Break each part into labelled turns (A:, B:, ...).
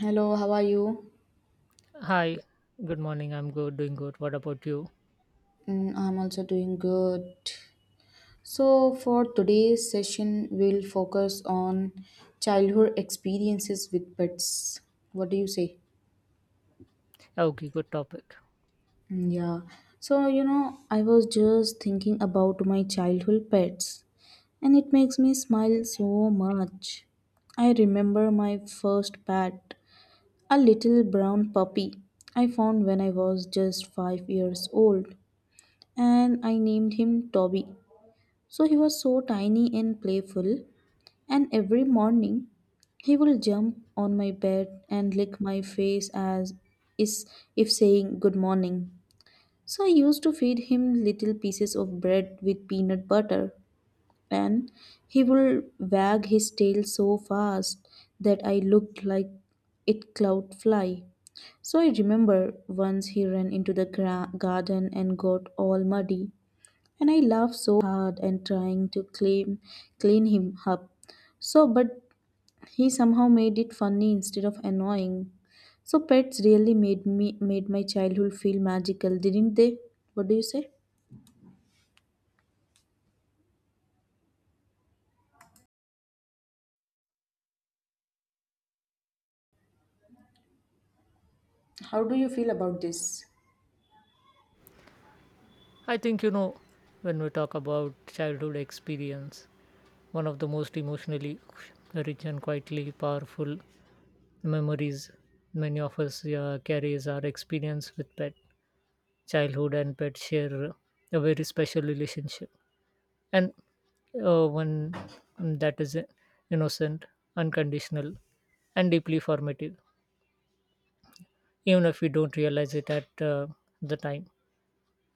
A: Hello, how are you?
B: Hi, good morning. I'm good, doing good. What about you?
A: Mm, I'm also doing good. So, for today's session, we'll focus on childhood experiences with pets. What do you say?
B: Okay, good topic.
A: Mm, yeah. So, I was just thinking about my childhood pets, and it makes me smile so much. I remember my first pet, a little brown puppy I found when I was just 5 years old, and I named him Toby. So he was so tiny and playful, and every morning he will jump on my bed and lick my face as is if saying good morning. So I used to feed him little pieces of bread with peanut butter, and he will wag his tail so fast that I looked like it cloud fly. So I remember once he ran into the garden and got all muddy, and I laughed so hard and trying to claim clean him up. So but he somehow made it funny instead of annoying. So pets really made my childhood feel magical, didn't they? What do you say? How do you feel about this?
B: I think you know when we talk about childhood experience, one of the most emotionally rich and quietly powerful memories many of us carry is our experience with pet. Childhood and pet share a very special relationship, and one that is innocent, unconditional, and deeply formative, even if we don't realize it at the time.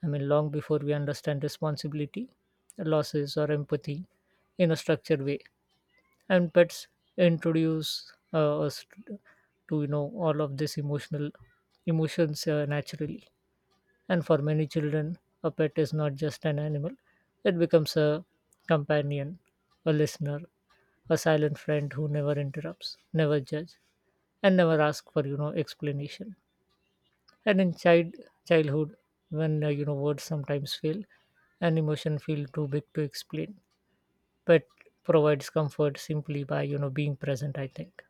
B: I mean, long before we understand responsibility, losses, or empathy in a structured way. And pets introduce us to you know all of this emotional emotions naturally. And for many children, a pet is not just an animal; it becomes a companion, a listener, a silent friend who never interrupts, never judges, and never asks for explanation. And in childhood, when you know words sometimes fail and emotion feel too big to explain, but provides comfort simply by being present. I think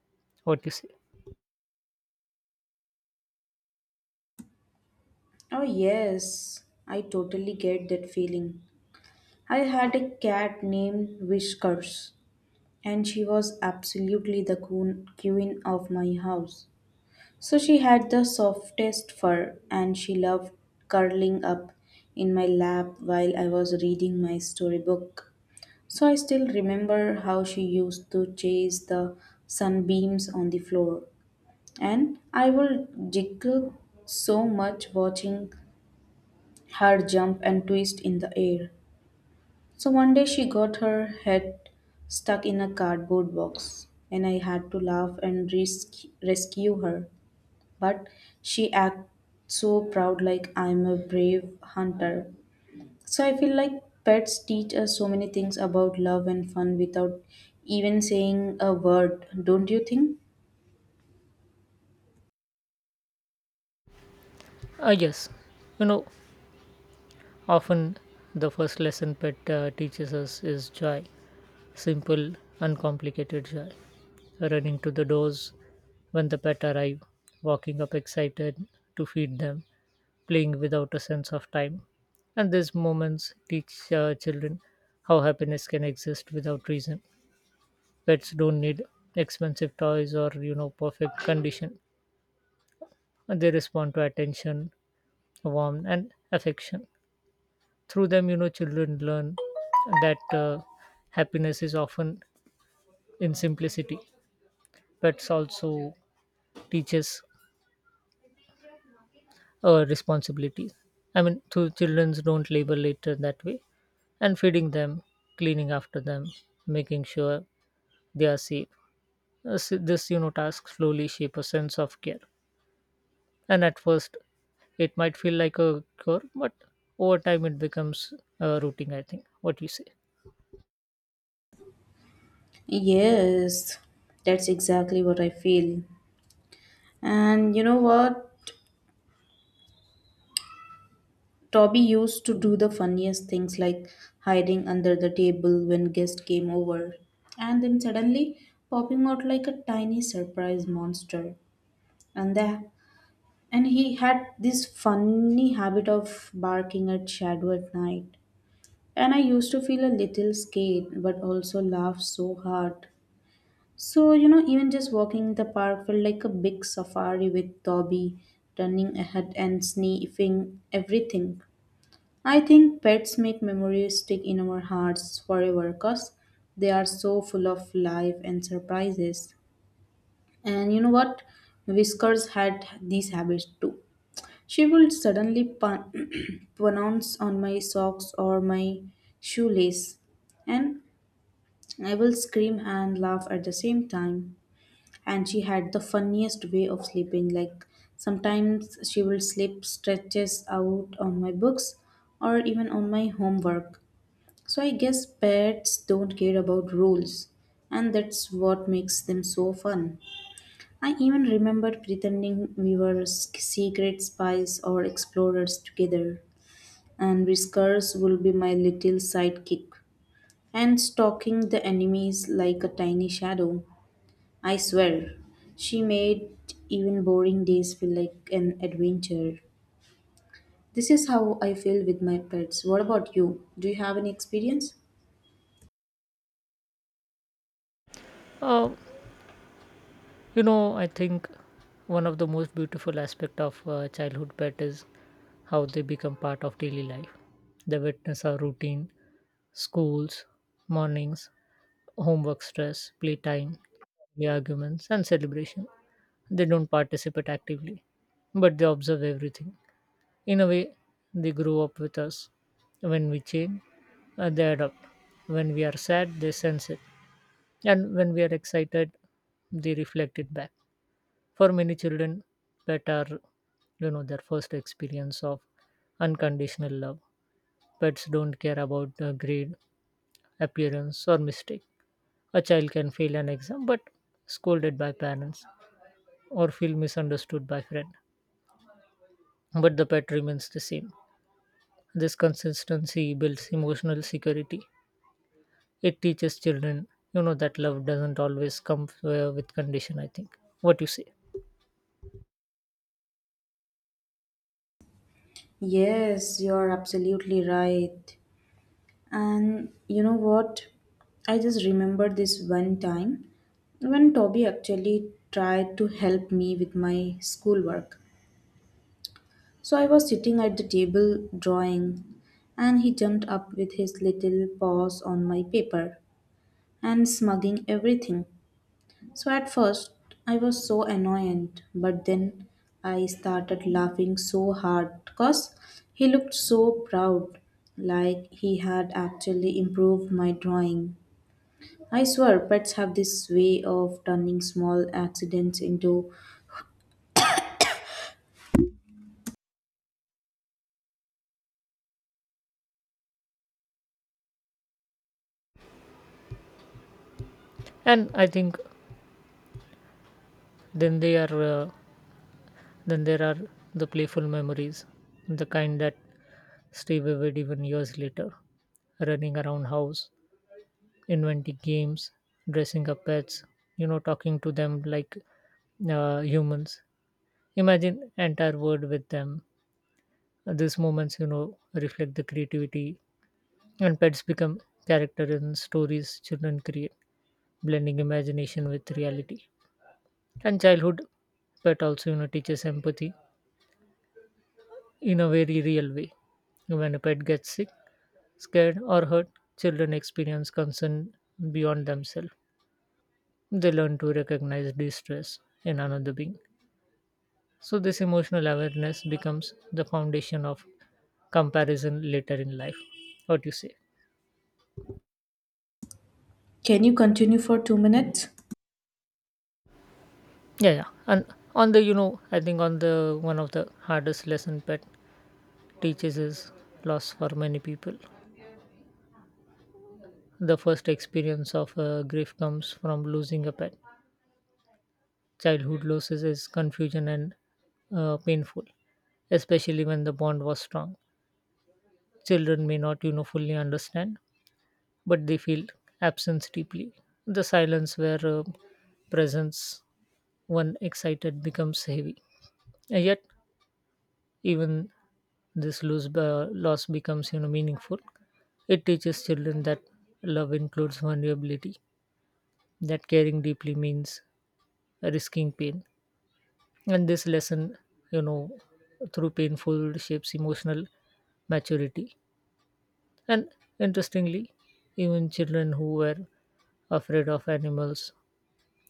B: what you say.
A: Oh yes, I totally get that feeling. I had a cat named Whiskers, and she was absolutely the queen of my house. So she had the softest fur, and she loved curling up in my lap while I was reading my storybook. So I still remember how she used to chase the sunbeams on the floor, and I would giggle so much watching her jump and twist in the air. So one day she got her head stuck in a cardboard box, and I had to laugh and rescue her, but she acts so proud, like I'm a brave hunter. So I feel like pets teach us so many things about love and fun without even saying a word, don't you think?
B: Ah yes, you know often the first lesson pet teaches us is joy, simple uncomplicated joy, running to the doors when the pet arrive, walking up excited to feed them, playing without a sense of time. And these moments teach children how happiness can exist without reason. Pets don't need expensive toys or you know perfect condition. And they respond to attention, warmth, and affection. Through them, you know, children learn that happiness is often in simplicity. Pets also teaches responsibility. I mean, through children don't label it that way. And feeding them, cleaning after them, making sure they are safe. As This you know task slowly shape a sense of care, and at first it might feel like a chore, but over time it becomes a routine. I think what you say.
A: Yes, that's exactly what I feel. And you know what? Toby used to do the funniest things, like hiding under the table when guests came over, and then suddenly popping out like a tiny surprise monster. And the And he had this funny habit of barking at shadow at night. And I used to feel a little scared, but also laugh so hard. So, even just walking in the park felt like a big safari with Dobby running ahead and sniffing everything. I think pets make memories stick in our hearts forever because they are so full of life and surprises. And you know what? Whiskers had these habits too. She would suddenly pounce on my socks or my shoelace, and I will scream and laugh at the same time. And she had the funniest way of sleeping. Like sometimes she will sleep stretches out on my books or even on my homework. So I guess pets don't care about rules, and that's what makes them so fun. I even remember pretending we were secret spies or explorers together, and Whiskers will be my little sidekick, and stalking the enemies like a tiny shadow. I swear, she made even boring days feel like an adventure. This is how I feel with my pets. What about you? Do you have any experience?
B: Uh, you know, I think one of the most beautiful aspect of childhood pet is how they become part of daily life. They witness our routine, schools, mornings, homework stress, playtime, the arguments, and celebration. They don't participate actively, but they observe everything. In a way, they grow up with us. When we change, they adapt. When we are sad, they sense it. And when we are excited, they reflect it back. For many children, pets are, you know, their first experience of unconditional love. Pets don't care about grade, appearance, or mistake. A child can fail an exam but scolded by parents or feel misunderstood by friend, but the pet remains the same. This consistency builds emotional security. It teaches children, you know, that love doesn't always come with condition. I think what you say.
A: Yes, you're absolutely right. And you know what? I just remember this one time when Toby actually tried to help me with my schoolwork. So I was sitting at the table drawing, and he jumped up with his little paws on my paper and smugging everything. So at first I was so annoyed, but then I started laughing so hard because he looked so proud, like he had actually improved my drawing. I swear, pets have this way of turning small accidents into.
B: And I think then they are uh, then there are the playful memories, the kind that stay vivid even years later. Running around house, inventing games, dressing up pets, you know, talking to them like humans. Imagine entire world with them. These moments, you know, reflect the creativity, and pets become characters in stories children create, blending imagination with reality. And childhood pet also, you know, teaches empathy in a very real way. When a pet gets sick, scared, or hurt, children experience concern beyond themselves. They learn to recognize distress in another being. So, this emotional awareness becomes the foundation of comparison later in life. What do you say?
A: Can you continue for 2 minutes?
B: Yeah, yeah. And on the, you know, I think on the one of the hardest lesson pet teaches is loss for many people. The first experience of grief comes from losing a pet. Childhood losses is confusion and painful, especially when the bond was strong. Children may not, you know, fully understand, but they feel absence deeply. The silence where presence, one excited, becomes heavy. And yet, even loss becomes you know meaningful. It teaches children that love includes vulnerability, that caring deeply means risking pain, and this lesson, you know, through painful shapes emotional maturity. And interestingly, even children who were afraid of animals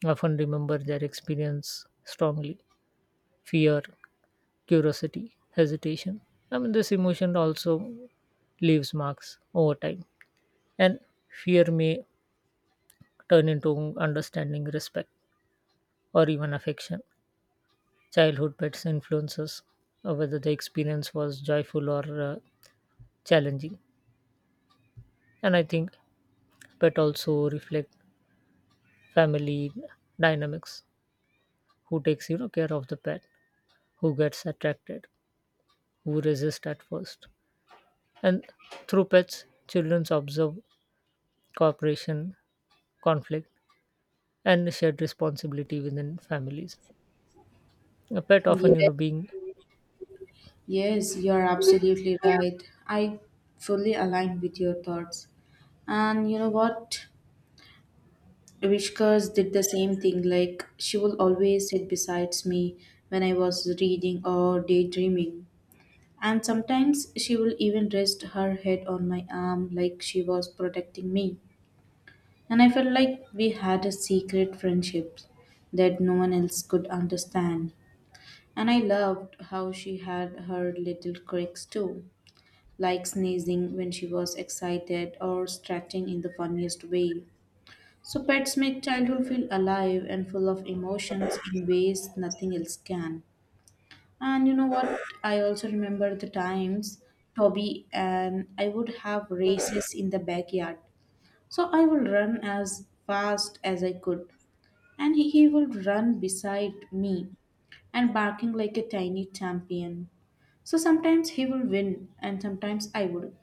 B: often remember their experience strongly: fear, curiosity, hesitation. I mean, this emotion also leaves marks over time. And fear may turn into understanding, respect, or even affection. Childhood pets influences whether the experience was joyful or challenging. And I think pet also reflect family dynamics. Who takes you know care of the pet, who gets attracted, who resists at first, and through pets, children observe cooperation, conflict, and shared responsibility within families. A pet often you
A: Yes,
B: know being.
A: yes, you're absolutely right. I fully align with your thoughts. And you know what? Vishkas did the same thing. Like, she will always sit beside me when I was reading or daydreaming. And sometimes she will even rest her head on my arm, like she was protecting me. And I felt like we had a secret friendship that no one else could understand. And I loved how she had her little quirks too, like sneezing when she was excited or stretching in the funniest way. So pets make childhood feel alive and full of emotions in ways nothing else can. And you know what? I also remember the times Toby and I would have races in the backyard. So I would run as fast as I could, and he would run beside me and barking like a tiny champion. So sometimes he will win and sometimes I would.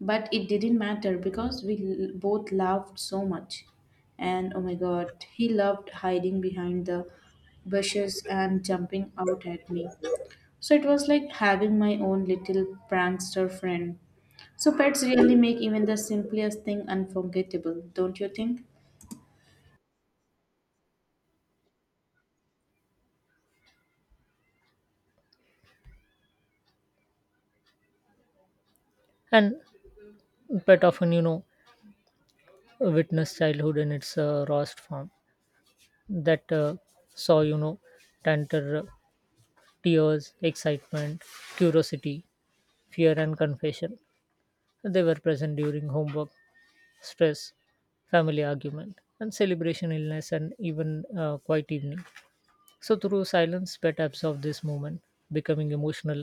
A: But it didn't matter because we both laughed so much. And oh my god, he loved hiding behind the bushes and jumping out at me. So it was like having my own little prankster friend. So pets really make even the simplest thing unforgettable, don't you think?
B: And pet often you know witnessed childhood in its rawest form, that saw you know tanter tears, excitement, curiosity, fear, and confession. They were present during homework stress, family argument and celebration, illness, and even quiet evening. So through silence pet absorbed this moment, becoming emotional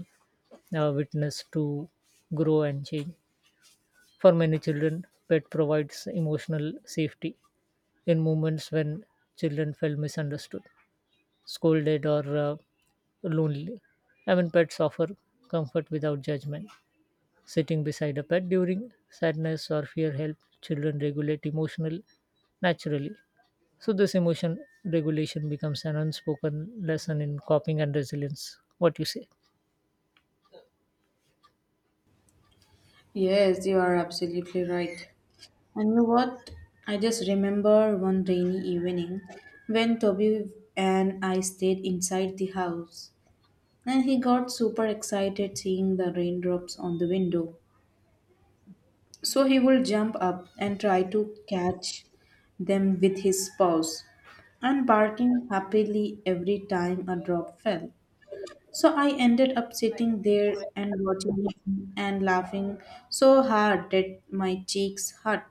B: witness to grow and change. For many children pet provides emotional safety in moments when children felt misunderstood, scolded, or lonely. I mean, pets offer comfort without judgment. Sitting beside a pet during sadness or fear helps children regulate emotional naturally. So this emotion regulation becomes an unspoken lesson in coping and resilience. What you say?
A: Yes, you are absolutely right. And you know what? I just remember one rainy evening when Toby and I stayed inside the house, and he got super excited seeing the raindrops on the window. So he would jump up and try to catch them with his paws and barking happily every time a drop fell. So I ended up sitting there and watching him and laughing so hard that my cheeks hurt.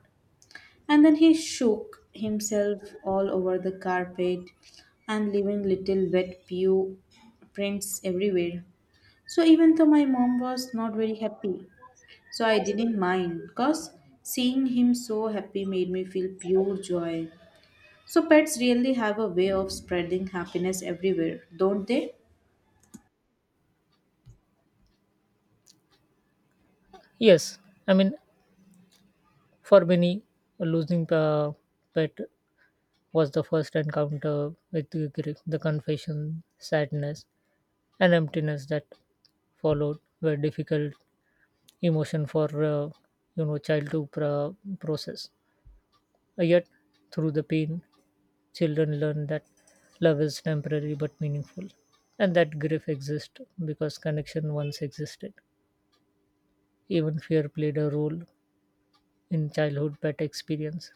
A: And then he shook himself all over the carpet and leaving little wet pew prints everywhere. So even though my mom was not very happy, so I didn't mind because seeing him so happy made me feel pure joy. So pets really have a way of spreading happiness everywhere, don't they?
B: Yes, I mean for many, losing a pet was the first encounter with the grief. The confession, sadness, and emptiness that followed were difficult emotion for you know child to process. Yet through the pain children learn that love is temporary but meaningful, and that grief exists because connection once existed. Even fear played a role in childhood pet experience.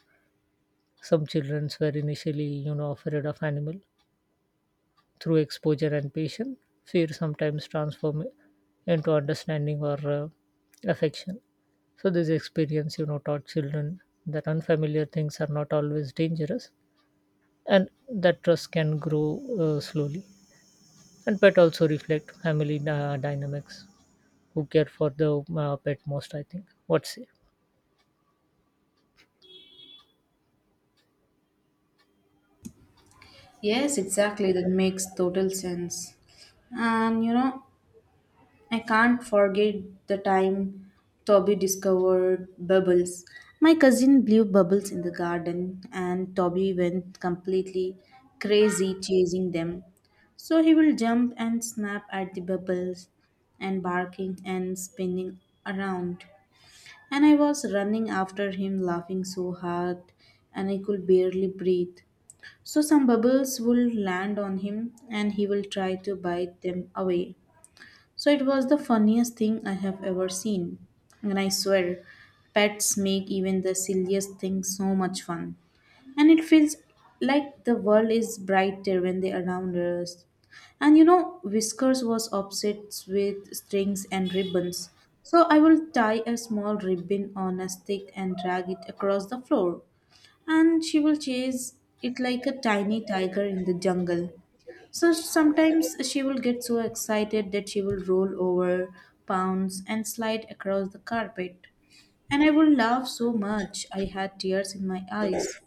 B: Some children were initially you know afraid of animal. Through exposure and patience, fear sometimes transform into understanding or affection. So this experience, you know, taught children that unfamiliar things are not always dangerous, and that trust can grow slowly. And pet also reflect family dynamics. Who care for the pet most? I think. What's it?
A: Yes, exactly. That makes total sense. And you know, I can't forget the time Toby discovered bubbles. My cousin blew bubbles in the garden, and Toby went completely crazy chasing them. So he will jump and snap at the bubbles, and barking and spinning around. And I was running after him, laughing so hard, and I could barely breathe. So some bubbles will land on him, and he will try to bite them away. So it was the funniest thing I have ever seen. And I swear, pets make even the silliest things so much fun. And it feels like the world is brighter when they're around us. And you know, Whiskers was obsessed with strings and ribbons. So I will tie a small ribbon on a stick and drag it across the floor. And she will chase it like a tiny tiger in the jungle. So sometimes she will get so excited that she will roll over, pounce, and slide across the carpet. And I would laugh so much I had tears in my eyes.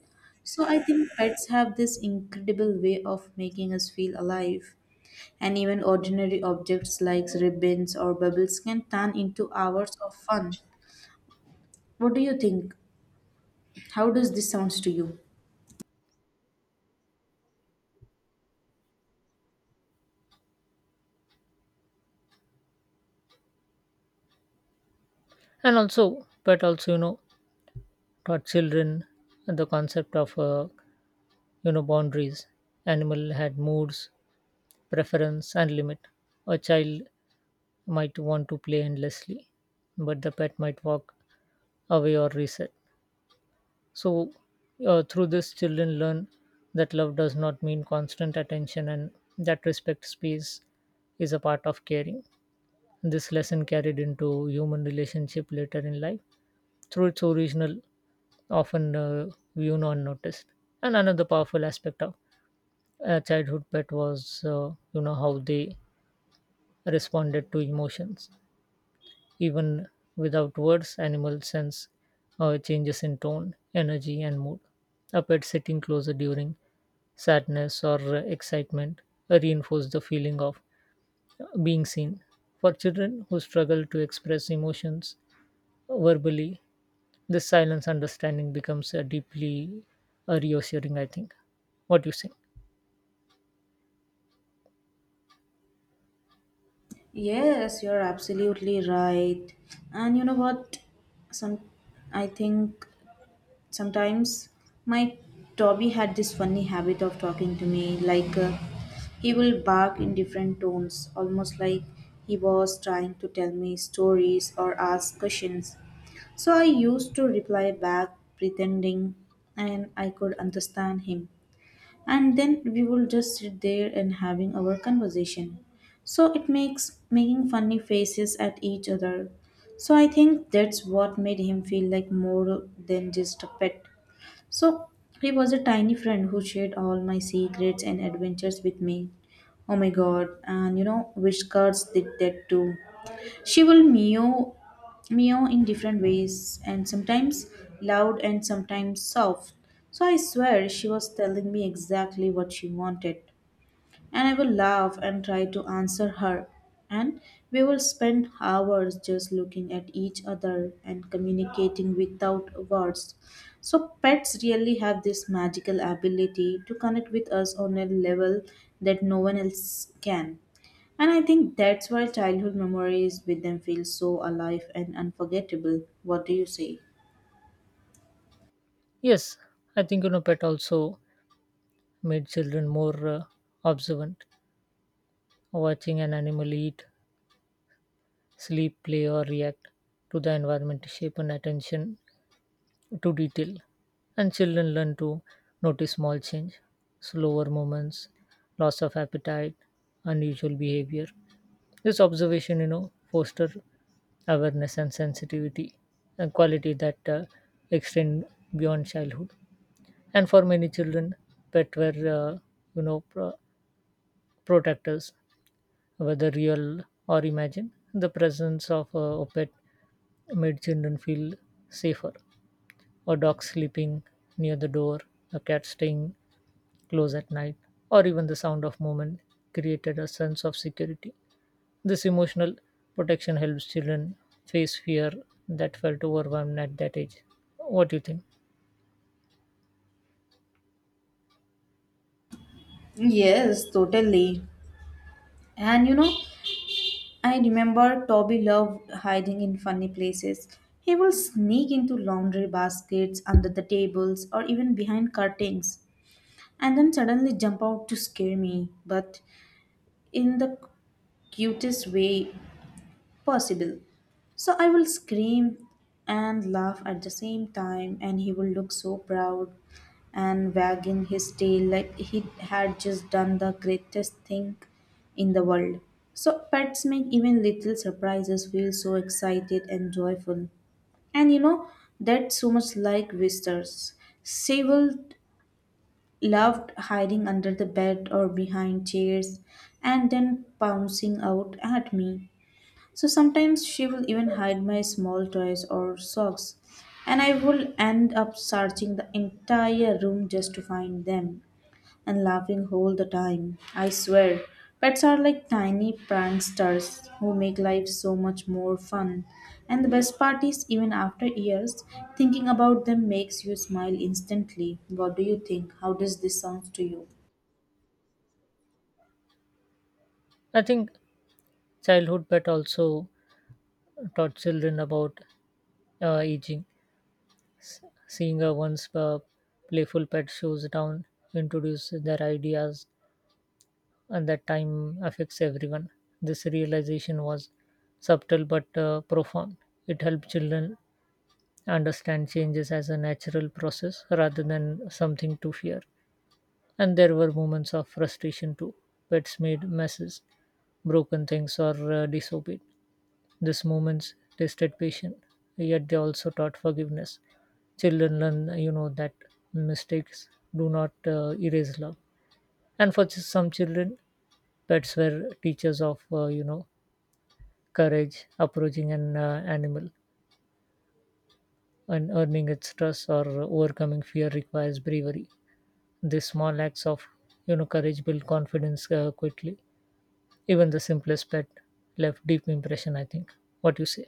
A: So I think pets have this incredible way of making us feel alive. And even ordinary objects like ribbons or bubbles can turn into hours of fun. What do you think? How does this sounds to you?
B: And also, pet also you know taught children the concept of you know boundaries. Animal had moods, preference, and limit. A child might want to play endlessly, but the pet might walk away or reset. So, through this, children learn that love does not mean constant attention and that respect space is a part of caring. This lesson carried into human relationship later in life through its original, often view unnoticed. And another powerful aspect of a childhood pet was, you know, how they responded to emotions. Even without words, animals sense changes in tone, energy, and mood. A pet sitting closer during sadness or excitement reinforce the feeling of being seen. For children who struggle to express emotions verbally, this silence understanding becomes deeply reassuring, I think. What do you say?
A: Yes, you're absolutely right. And you know what? Some I think Sometimes my Toby had this funny habit of talking to me like he will bark in different tones, almost like he was trying to tell me stories or ask questions. So I used to reply back pretending and I could understand him, and then we will just sit there and having our conversation, so it makes making funny faces at each other. So I think that's what made him feel like more than just a pet. So he was a tiny friend who shared all my secrets and adventures with me. Oh my god, and you know which cards did that too. She will meow in different ways, and sometimes loud and sometimes soft. So I swear she was telling me exactly what she wanted, and I will laugh and try to answer her. And we will spend hours just looking at each other and communicating without words. So, pets really have this magical ability to connect with us on a level that no one else can. And I think that's why childhood memories with them feel so alive and unforgettable. What do you say?
B: Yes, I think you know, pet also made children more observant. Watching an animal eat, sleep, play, or react to the environment shape an attention to detail. And children learn to notice small change, slower movements, loss of appetite, unusual behavior. This observation you know foster awareness and sensitivity, a quality that extend beyond childhood. And for many children pet were you know protectors. Whether real or imagined, the presence of a pet made children feel safer: a dog sleeping near the door, a cat staying close at night, or even the sound of movement created a sense of security. This emotional protection helps children face fear that felt overwhelmed at that age. What do you think?
A: Yes, totally. And you know, I remember Toby loved hiding in funny places. He would sneak into laundry baskets, under the tables, or even behind curtains, and then suddenly jump out to scare me, but in the cutest way possible. So I will scream and laugh at the same time, and he will look so proud and wagging his tail like he had just done the greatest thing in the world. So pets make even little surprises feel so excited and joyful. And you know, that's so much like visitors. Sable loved hiding under the bed or behind chairs and then pouncing out at me. So sometimes she will even hide my small toys or socks, and I will end up searching the entire room just to find them and laughing all the time. I swear, pets are like tiny pranksters who make life so much more fun. And the best part is, even after years, thinking about them makes you smile instantly. What do you think? How does this sound to you?
B: I think childhood pet also taught children about aging. S- Seeing a once playful pet shows down introduce their ideas at that time affects everyone. This realization was subtle but profound. It helped children understand changes as a natural process rather than something to fear. And there were moments of frustration too. Pets made messes, broken things, or disobeyed. These moments tested patience, yet they also taught forgiveness. Children learn, you know, that mistakes do not erase love. And for just some children, pets were teachers of you know courage. Approaching an animal and earning its trust or overcoming fear requires bravery. These small acts of you know courage build confidence quickly. Even the simplest pet left deep impression. I think. What you say?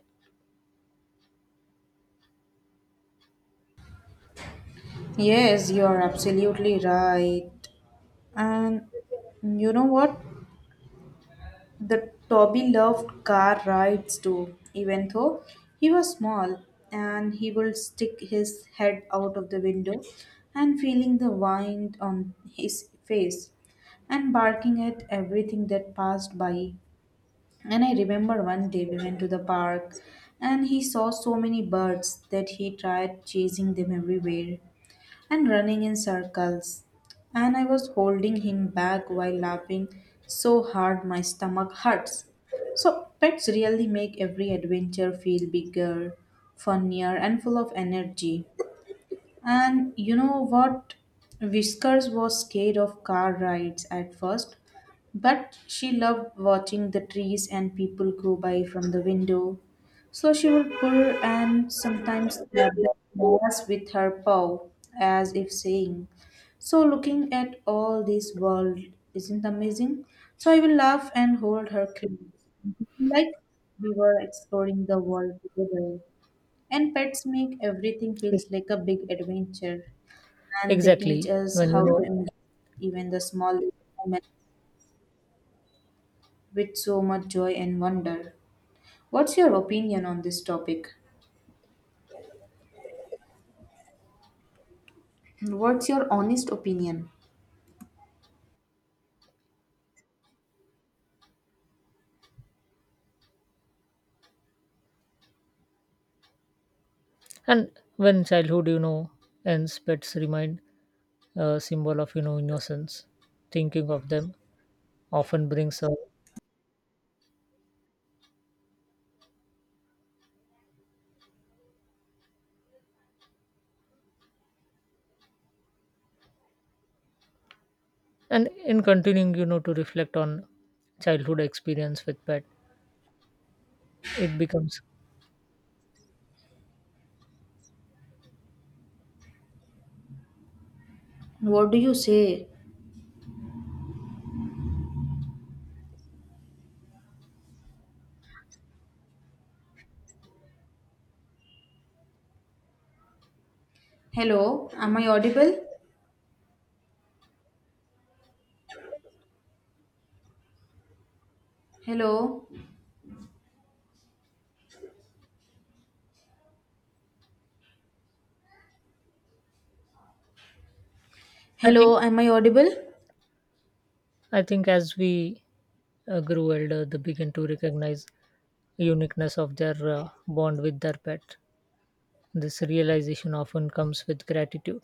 A: Yes, you are absolutely right. And you know what? The Toby loved car rides too, even though he was small, and he would stick his head out of the window and feeling the wind on his face and barking at everything that passed by. And I remember one day we went to the park, and he saw so many birds that he tried chasing them everywhere and running in circles. And I was holding him back while laughing so hard my stomach hurts. So, pets really make every adventure feel bigger, funnier, and full of energy. And you know what? Whiskers was scared of car rides at first, but she loved watching the trees and people go by from the window. So she would purr and sometimes tap the glass with her paw, as if saying, so looking at all this world isn't amazing. So I will laugh and hold her close, like we were exploring the world together. And pets make everything feels like a big adventure, and they teach
B: Exactly.
A: us
B: When you
A: how to
B: know,
A: enjoy even the small moments with so much joy and wonder. What's your opinion on this topic? What's your honest opinion?
B: and when childhood, you know, ends, pets remind a symbol of, you know, innocence. Thinking of them often brings a. And in continuing, you know, to reflect on childhood experience with pet, it becomes.
A: What do you say? Hello, am I audible? Hello,
B: I think.
A: hello, am I audible?
B: I think as we grew older, they begin to recognize uniqueness of their bond with their pet. This realization often comes with gratitude.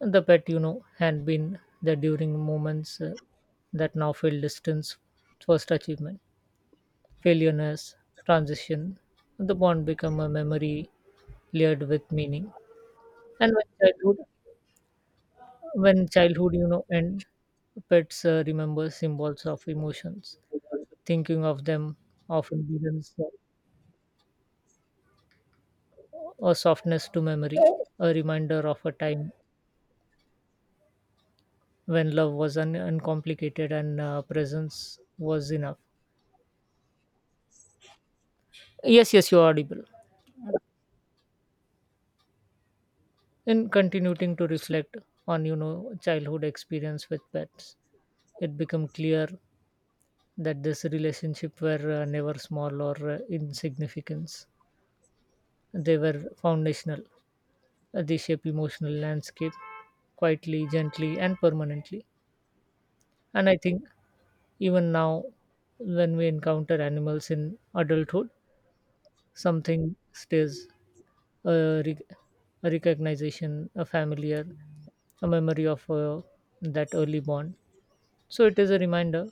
B: The pet, you know, had been there during moments that now feel distance, first achievement, failureness, transition. The bond become a memory layered with meaning. And when childhood you know and pets remember symbols of emotions. Thinking of them often brings a softness to memory, a reminder of a time when love was uncomplicated and presence was enough. Yes, yes, you're audible. In continuing to
A: So
B: reflect on you know childhood experience with pets, it become clear that this relationship were never small or insignificant. They were foundational. They shape emotional landscape quietly, gently, and permanently. And I think even now, when we encounter animals in adulthood, something stays: a, rec- a recognition, a familiar, a memory of that early bond. So it is a reminder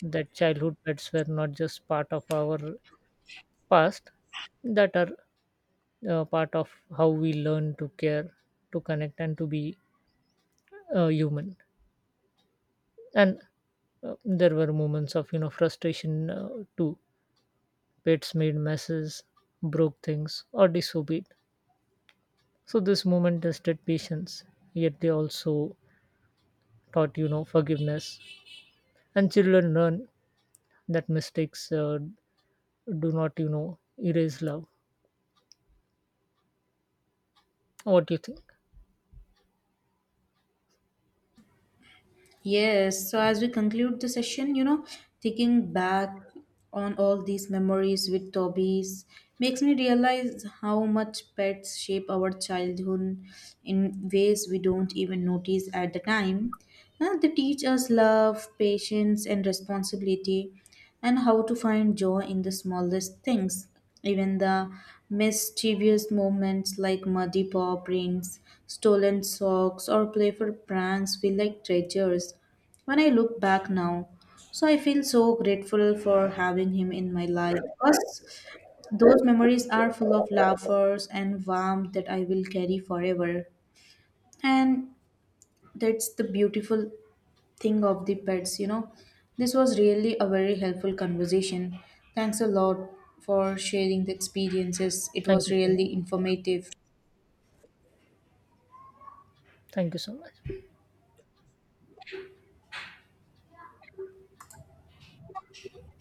B: that childhood pets were not just part of our past, that are part of how we learn to care, to connect, and to be human. And there were moments of you know frustration too. Pets made messes, broke things, or disobeyed. So this moment tested patience, yet they also taught you know forgiveness. And children learn that mistakes do not you know erase love. What do you think?
A: yes, so as we conclude the session, thinking back on all these memories with Toby's makes me realize how much pets shape our childhood in ways we don't even notice at the time. Now, they teach us love, patience, and responsibility, and how to find joy in the smallest things. Even the mischievous movements like muddy paw prints, stolen socks, or playful pranks feel like treasures when I look back now. So I feel so grateful for having him in my life, because those memories are full of laughers and warmth that I will carry forever. And that's the beautiful thing of the pets, this was really a very helpful conversation. Thanks a lot for sharing the experiences, it
B: Thank
A: was
B: you so
A: really
B: much.
A: informative.
B: Thank you so much.